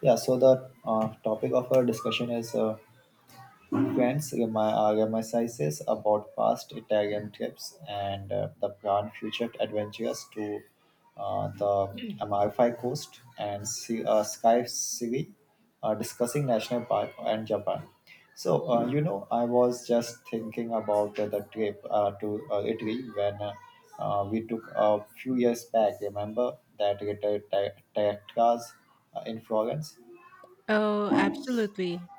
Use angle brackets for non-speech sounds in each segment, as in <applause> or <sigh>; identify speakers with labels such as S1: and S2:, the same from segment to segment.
S1: Yeah, so the topic of our discussion is friends my sizes about past Italian trips and the planned future adventures to the Amalfi Coast and sea, Sky City, discussing national park and Japan. So I was just thinking about the trip to Italy when we took a few years back. Remember that Tetra's in Florence?
S2: Oh, absolutely.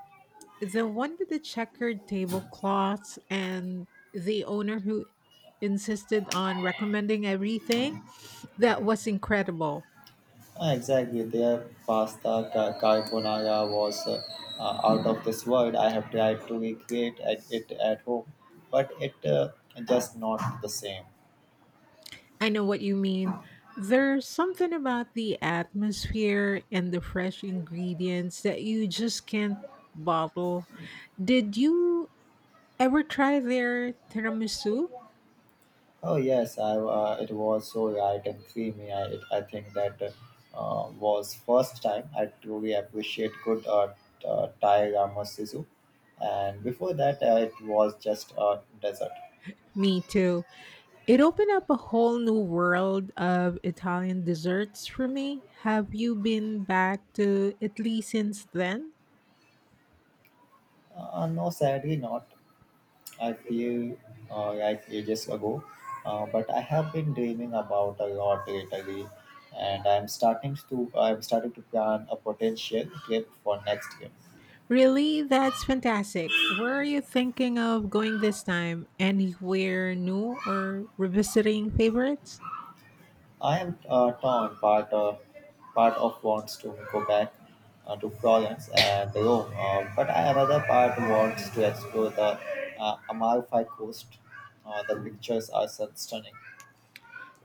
S2: The one with the checkered tablecloths and the owner who insisted on recommending everything, that was incredible.
S1: Ah, exactly, their pasta carbonara was out of this world. I have tried to recreate at it at home, but it just not the same.
S2: I know what you mean. There's something about the atmosphere and the fresh ingredients that you just can't bottle. Did you ever try their tiramisu?
S1: Oh, yes. I It was so light and creamy. I think that was first time I truly appreciate good Thai ramen, and before that it was just a dessert.
S2: Me too. It opened up a whole new world of Italian desserts for me. Have you been back to Italy since then?
S1: No, sadly not. I feel like ages ago, but I have been dreaming about a lot lately, and I'm starting to plan a potential trip for next year.
S2: Really? That's fantastic. Where are you thinking of going this time? Anywhere new or revisiting favorites?
S1: I am torn. Part of wants to go back to Florence and Rome, but another part wants to explore the Amalfi Coast. The pictures are so stunning.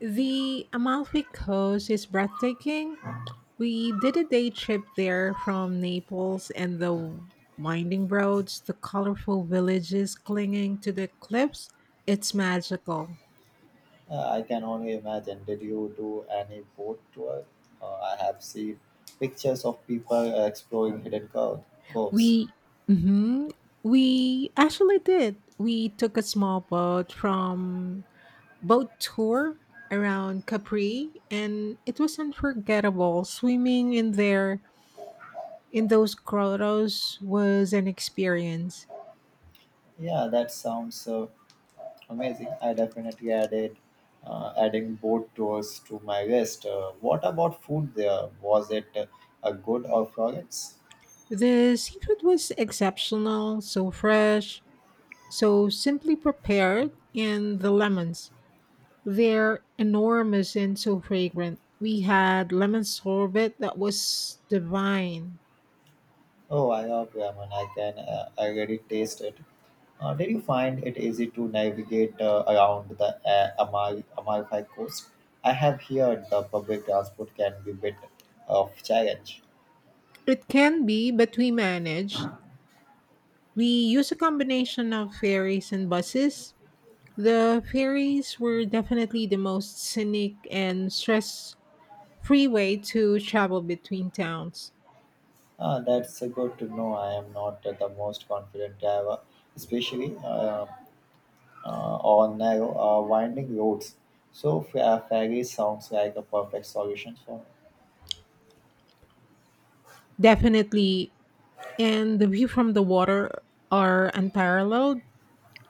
S2: The Amalfi Coast is breathtaking. We did a day trip there from Naples and the winding roads, the colorful villages clinging to the cliffs. It's magical.
S1: I can only imagine. Did you do any boat tour? I have seen pictures of people exploring hidden coves.
S2: We hmm we actually did. We took a small boat from boat tour around Capri and it was unforgettable. Swimming in those grottos was an experience.
S1: Yeah, that sounds amazing. I definitely added adding boat tours to my list. What about food there? Was it a good or Florence?
S2: The seafood was exceptional, so fresh, so simply prepared, and the lemons. They're enormous and so fragrant. We had lemon sorbet that was divine.
S1: Oh, I love ramen. I can already taste it. Did you find it easy to navigate around the Amalfi Coast? I have heard the public transport can be a bit of challenge.
S2: It can be, but we managed. We used a combination of ferries and buses. The ferries were definitely the most scenic and stress free way to travel between towns.
S1: Ah, that's good to know. I am not the most confident driver, especially on narrow, winding roads. So, ferry sounds like a perfect solution for me.
S2: Definitely, and the view from the water are unparalleled.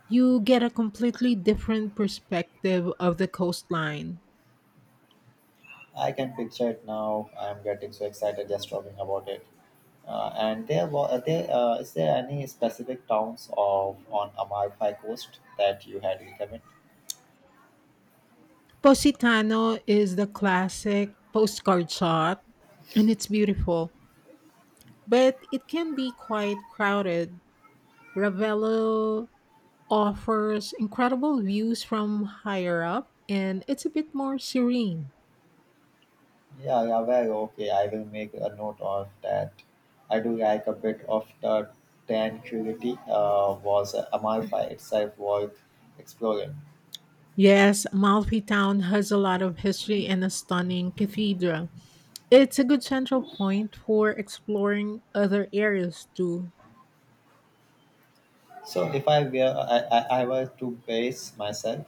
S2: You get a completely different perspective of the coastline.
S1: I can picture it now. I'm getting so excited just talking about it. And there was there is there any specific towns of on Amalfi Coast that you had recommend?
S2: Positano is the classic postcard shot, and it's beautiful, but it can be quite crowded. Ravello offers incredible views from higher up, and it's a bit more serene.
S1: Yeah, yeah, very okay. I will make a note of that. I do like a bit of the tranquility. Was Amalfi itself worth exploring?
S2: Yes, Amalfi Town has a lot of history and a stunning cathedral. It's a good central point for exploring other areas too.
S1: So, if I were to base myself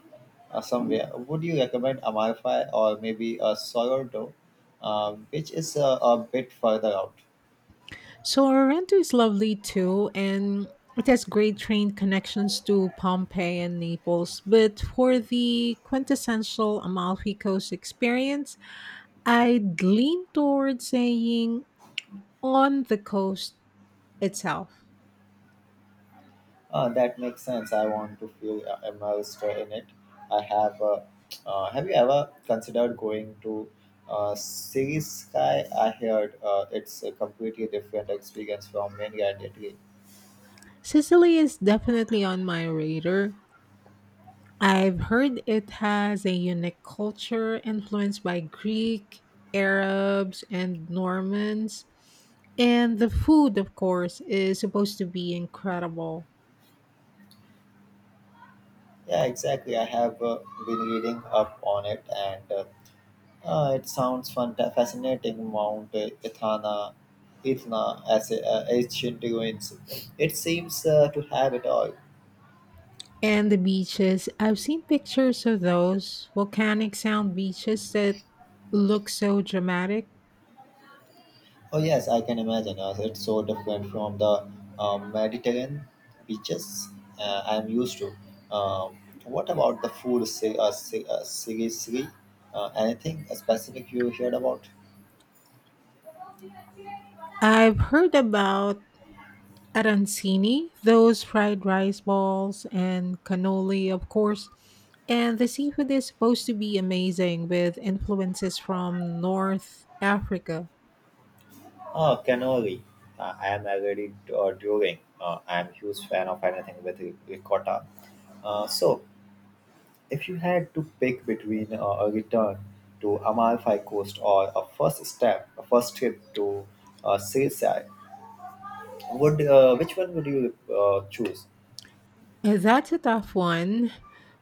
S1: somewhere, would you recommend Amalfi or maybe a Sorrento, which is a bit further out?
S2: So Sorrento is lovely too, and it has great train connections to Pompeii and Naples. But for the quintessential Amalfi Coast experience, I'd lean towards saying on the coast itself.
S1: That makes sense. I want to feel immersed in it. I have. Have you ever considered going to Series Sky? I heard it's a completely different experience from many and Italy.
S2: Sicily is definitely on my radar. I've heard it has a unique culture influenced by Greek, Arabs, and Normans. And the food, of course, is supposed to be incredible.
S1: Yeah, exactly. I have been reading up on it, and it sounds fun, fascinating. Mount Ethna as a, ancient ruins. It seems to have it all.
S2: And the beaches, I've seen pictures of those volcanic sound beaches that look so dramatic.
S1: Oh, yes. I can imagine. It's so different from the Mediterranean beaches I'm used to. Um, what about the food? Seriously, anything specific you heard about?
S2: I've heard about arancini, those fried rice balls, and cannoli, of course. And the seafood is supposed to be amazing with influences from North Africa.
S1: Oh, cannoli. I am already doing. I am huge fan of anything with ricotta. So. If you had to pick between a return to Amalfi Coast or a first trip to Sicily, would which one would you choose?
S2: And that's a tough one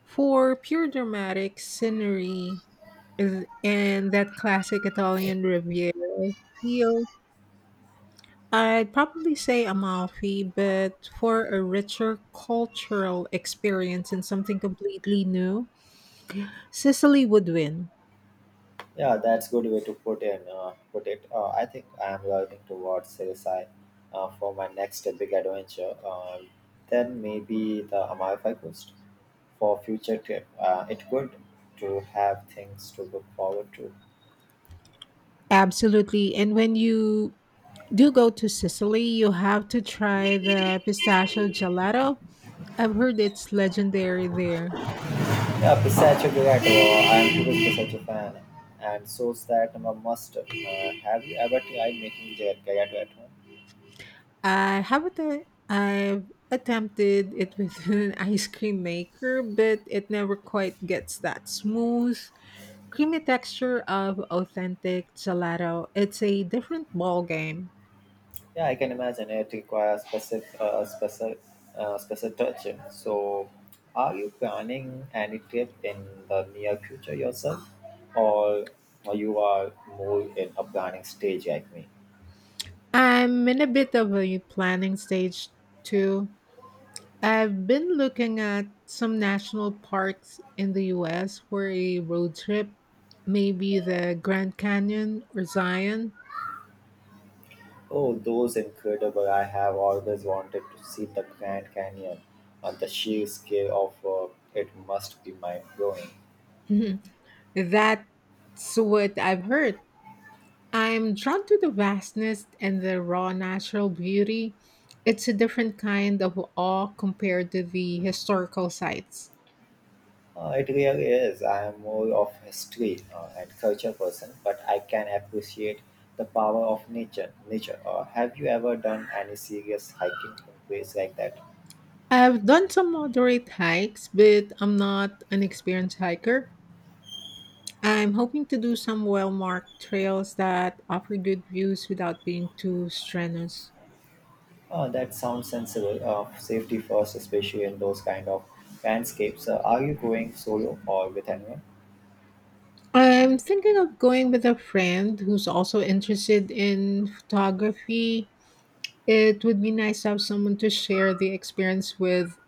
S2: for pure dramatic scenery and that classic Italian Riviera feel. I'd probably say Amalfi, but for a richer cultural experience and something completely new, Sicily would win.
S1: Yeah, that's good way to put it. I think I am learning towards Sicily for my next big adventure. Then maybe the Amalfi Coast for future trip. It good to have things to look forward to.
S2: Absolutely. And when you do go to Sicily, you have to try the pistachio gelato. I've heard it's legendary there.
S1: Yeah, pistachio gelato. I'm truly such a fan, and so that I'm a must. Have you ever tried making gelato at home?
S2: I haven't I've attempted it with <laughs> an ice cream maker, but it never quite gets that smooth, creamy texture of authentic gelato. It's a different ball game.
S1: Yeah, I can imagine it requires specific, special touch. So, are you planning any trip in the near future yourself, or, or you are more in a planning stage like me?
S2: I'm in a bit of a planning stage too. I've been looking at some national parks in the US for a road trip, maybe the Grand Canyon or Zion. <laughs>
S1: Oh, those incredible! I have always wanted to see the Grand Canyon. On the sheer scale of it must be mind-blowing.
S2: Mhm. That's what I've heard. I'm drawn to the vastness and the raw natural beauty. It's a different kind of awe compared to the historical sites.
S1: It really is. I am more of history and culture person, but I can appreciate the power of nature. Have you ever done any serious hiking in place like that?
S2: I've done some moderate hikes, but I'm not an experienced hiker. I'm hoping to do some well marked trails that offer good views without being too strenuous.
S1: That sounds sensible. Safety first, especially in those kind of landscapes. Are you going solo or with anyone?
S2: I'm thinking of going with a friend who's also interested in photography. It would be nice to have someone to share the experience with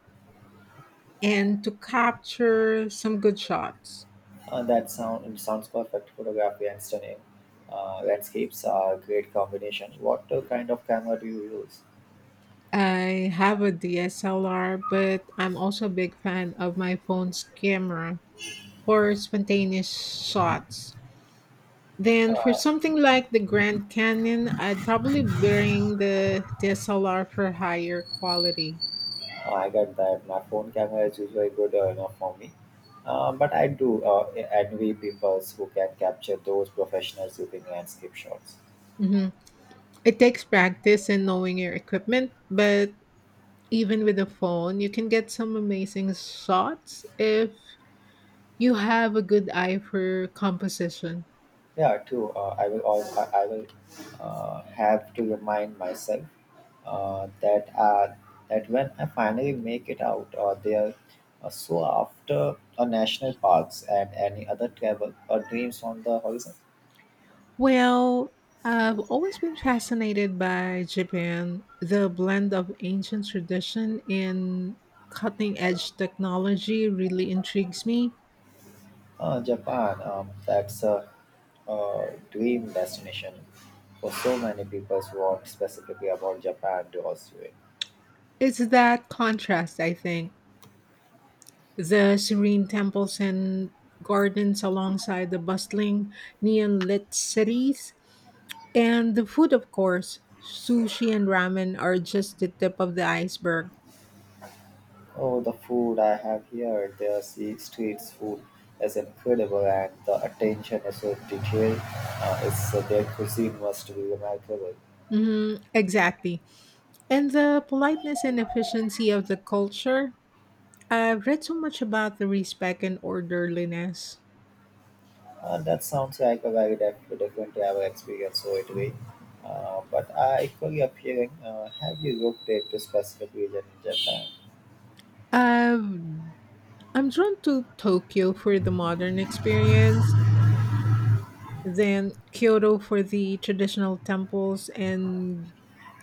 S2: and to capture some good shots.
S1: That sound it sounds perfect. Photography and stunning landscapes are a great combination. What kind of camera do you use?
S2: I have a DSLR, but I'm also a big fan of my phone's camera for spontaneous shots. Then for something like the Grand Canyon, I'd probably bring the DSLR for higher quality.
S1: I get that my phone camera is usually good enough for me, but I do envy people who can capture those professionals using landscape shots.
S2: hmm It takes practice and knowing your equipment, but even with a phone, you can get some amazing shots if you have a good eye for composition.
S1: Yeah, too. I will. I will have to remind myself uh, that uh, that when I finally make it out, or there so after national parks and any other travel or dreams on the horizon.
S2: Well, I've always been fascinated by Japan. The blend of ancient tradition and cutting edge technology really intrigues me.
S1: Japan, that's a dream destination for so many people. What specifically about Japan draws you in?
S2: It's that contrast, I think. The serene temples and gardens alongside the bustling neon lit cities. And the food, of course. Sushi and ramen are just the tip of the iceberg.
S1: Oh, the food I have here, the sea streets food is incredible, and the attention is so detailed. It's Their cuisine must be remarkable.
S2: Exactly. And the politeness and efficiency of the culture, I've read so much about the respect and orderliness.
S1: That sounds like a very different travel experience, so it way. But I equally appealing, have you looked at the specific region in Japan?
S2: Um, I'm drawn to Tokyo for the modern experience, then Kyoto for the traditional temples and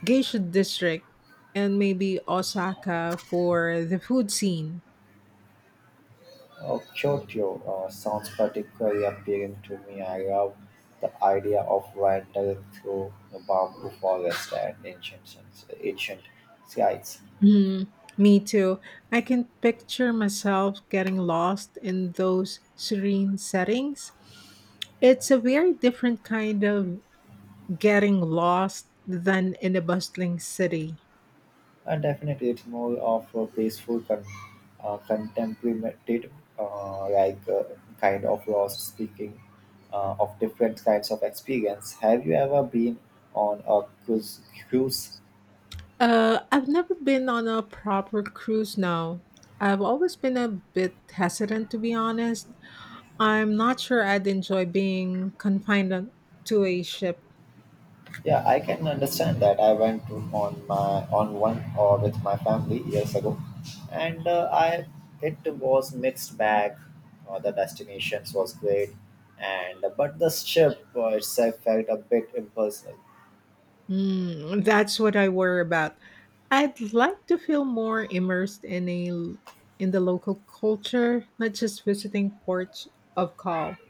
S2: geisha district, and maybe Osaka for the food scene.
S1: Oh, Kyoto sounds particularly appealing to me. I love the idea of wandering through the bamboo forest and ancient sites.
S2: Mm, me too. I can picture myself getting lost in those serene settings. It's a very different kind of getting lost than in a bustling city.
S1: Definitely, it's more of a peaceful, contemplative, uh, like uh, kind of lost speaking of different kinds of experience. Have you ever been on a cruise?
S2: I've never been on a proper cruise now. I've always been a bit hesitant, to be honest. I'm not sure I'd enjoy being to a ship.
S1: Yeah, I can understand that. I went to, on my on one or with my family years ago, and I it was mixed bag. The destinations was great, and but the ship itself felt a bit impersonal.
S2: Mm, that's what I worry about. I'd like to feel more immersed in a in the local culture, not just visiting ports of call.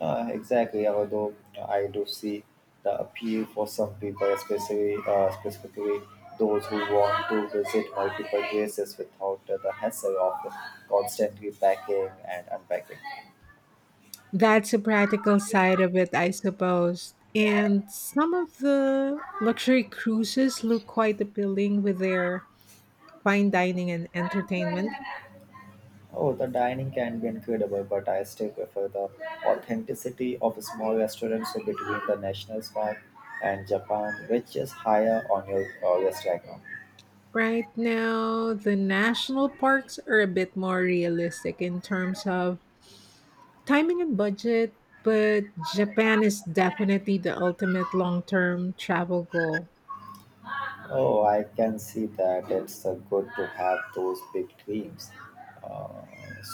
S1: Exactly. Although I do see the appeal for some people, especially specifically those who want to visit multiple places without the hassle of constantly packing and unpacking.
S2: That's a practical side of it, I suppose. And some of the luxury cruises look quite appealing with their fine dining and entertainment.
S1: Oh, the dining can be incredible, but I still prefer the authenticity of a small restaurants between the national park and Japan, which is higher on your list right now.
S2: Right now, the national parks are a bit more realistic in terms of timing and budget, but Japan is definitely the ultimate long term travel goal.
S1: Oh, I can see that it's good to have those big dreams. Uh,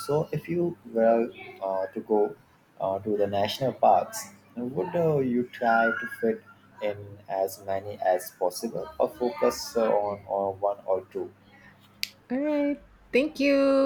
S1: so, if you were to go to the national parks, would you try to fit in as many as possible or focus on one or two?
S2: All right. Thank you.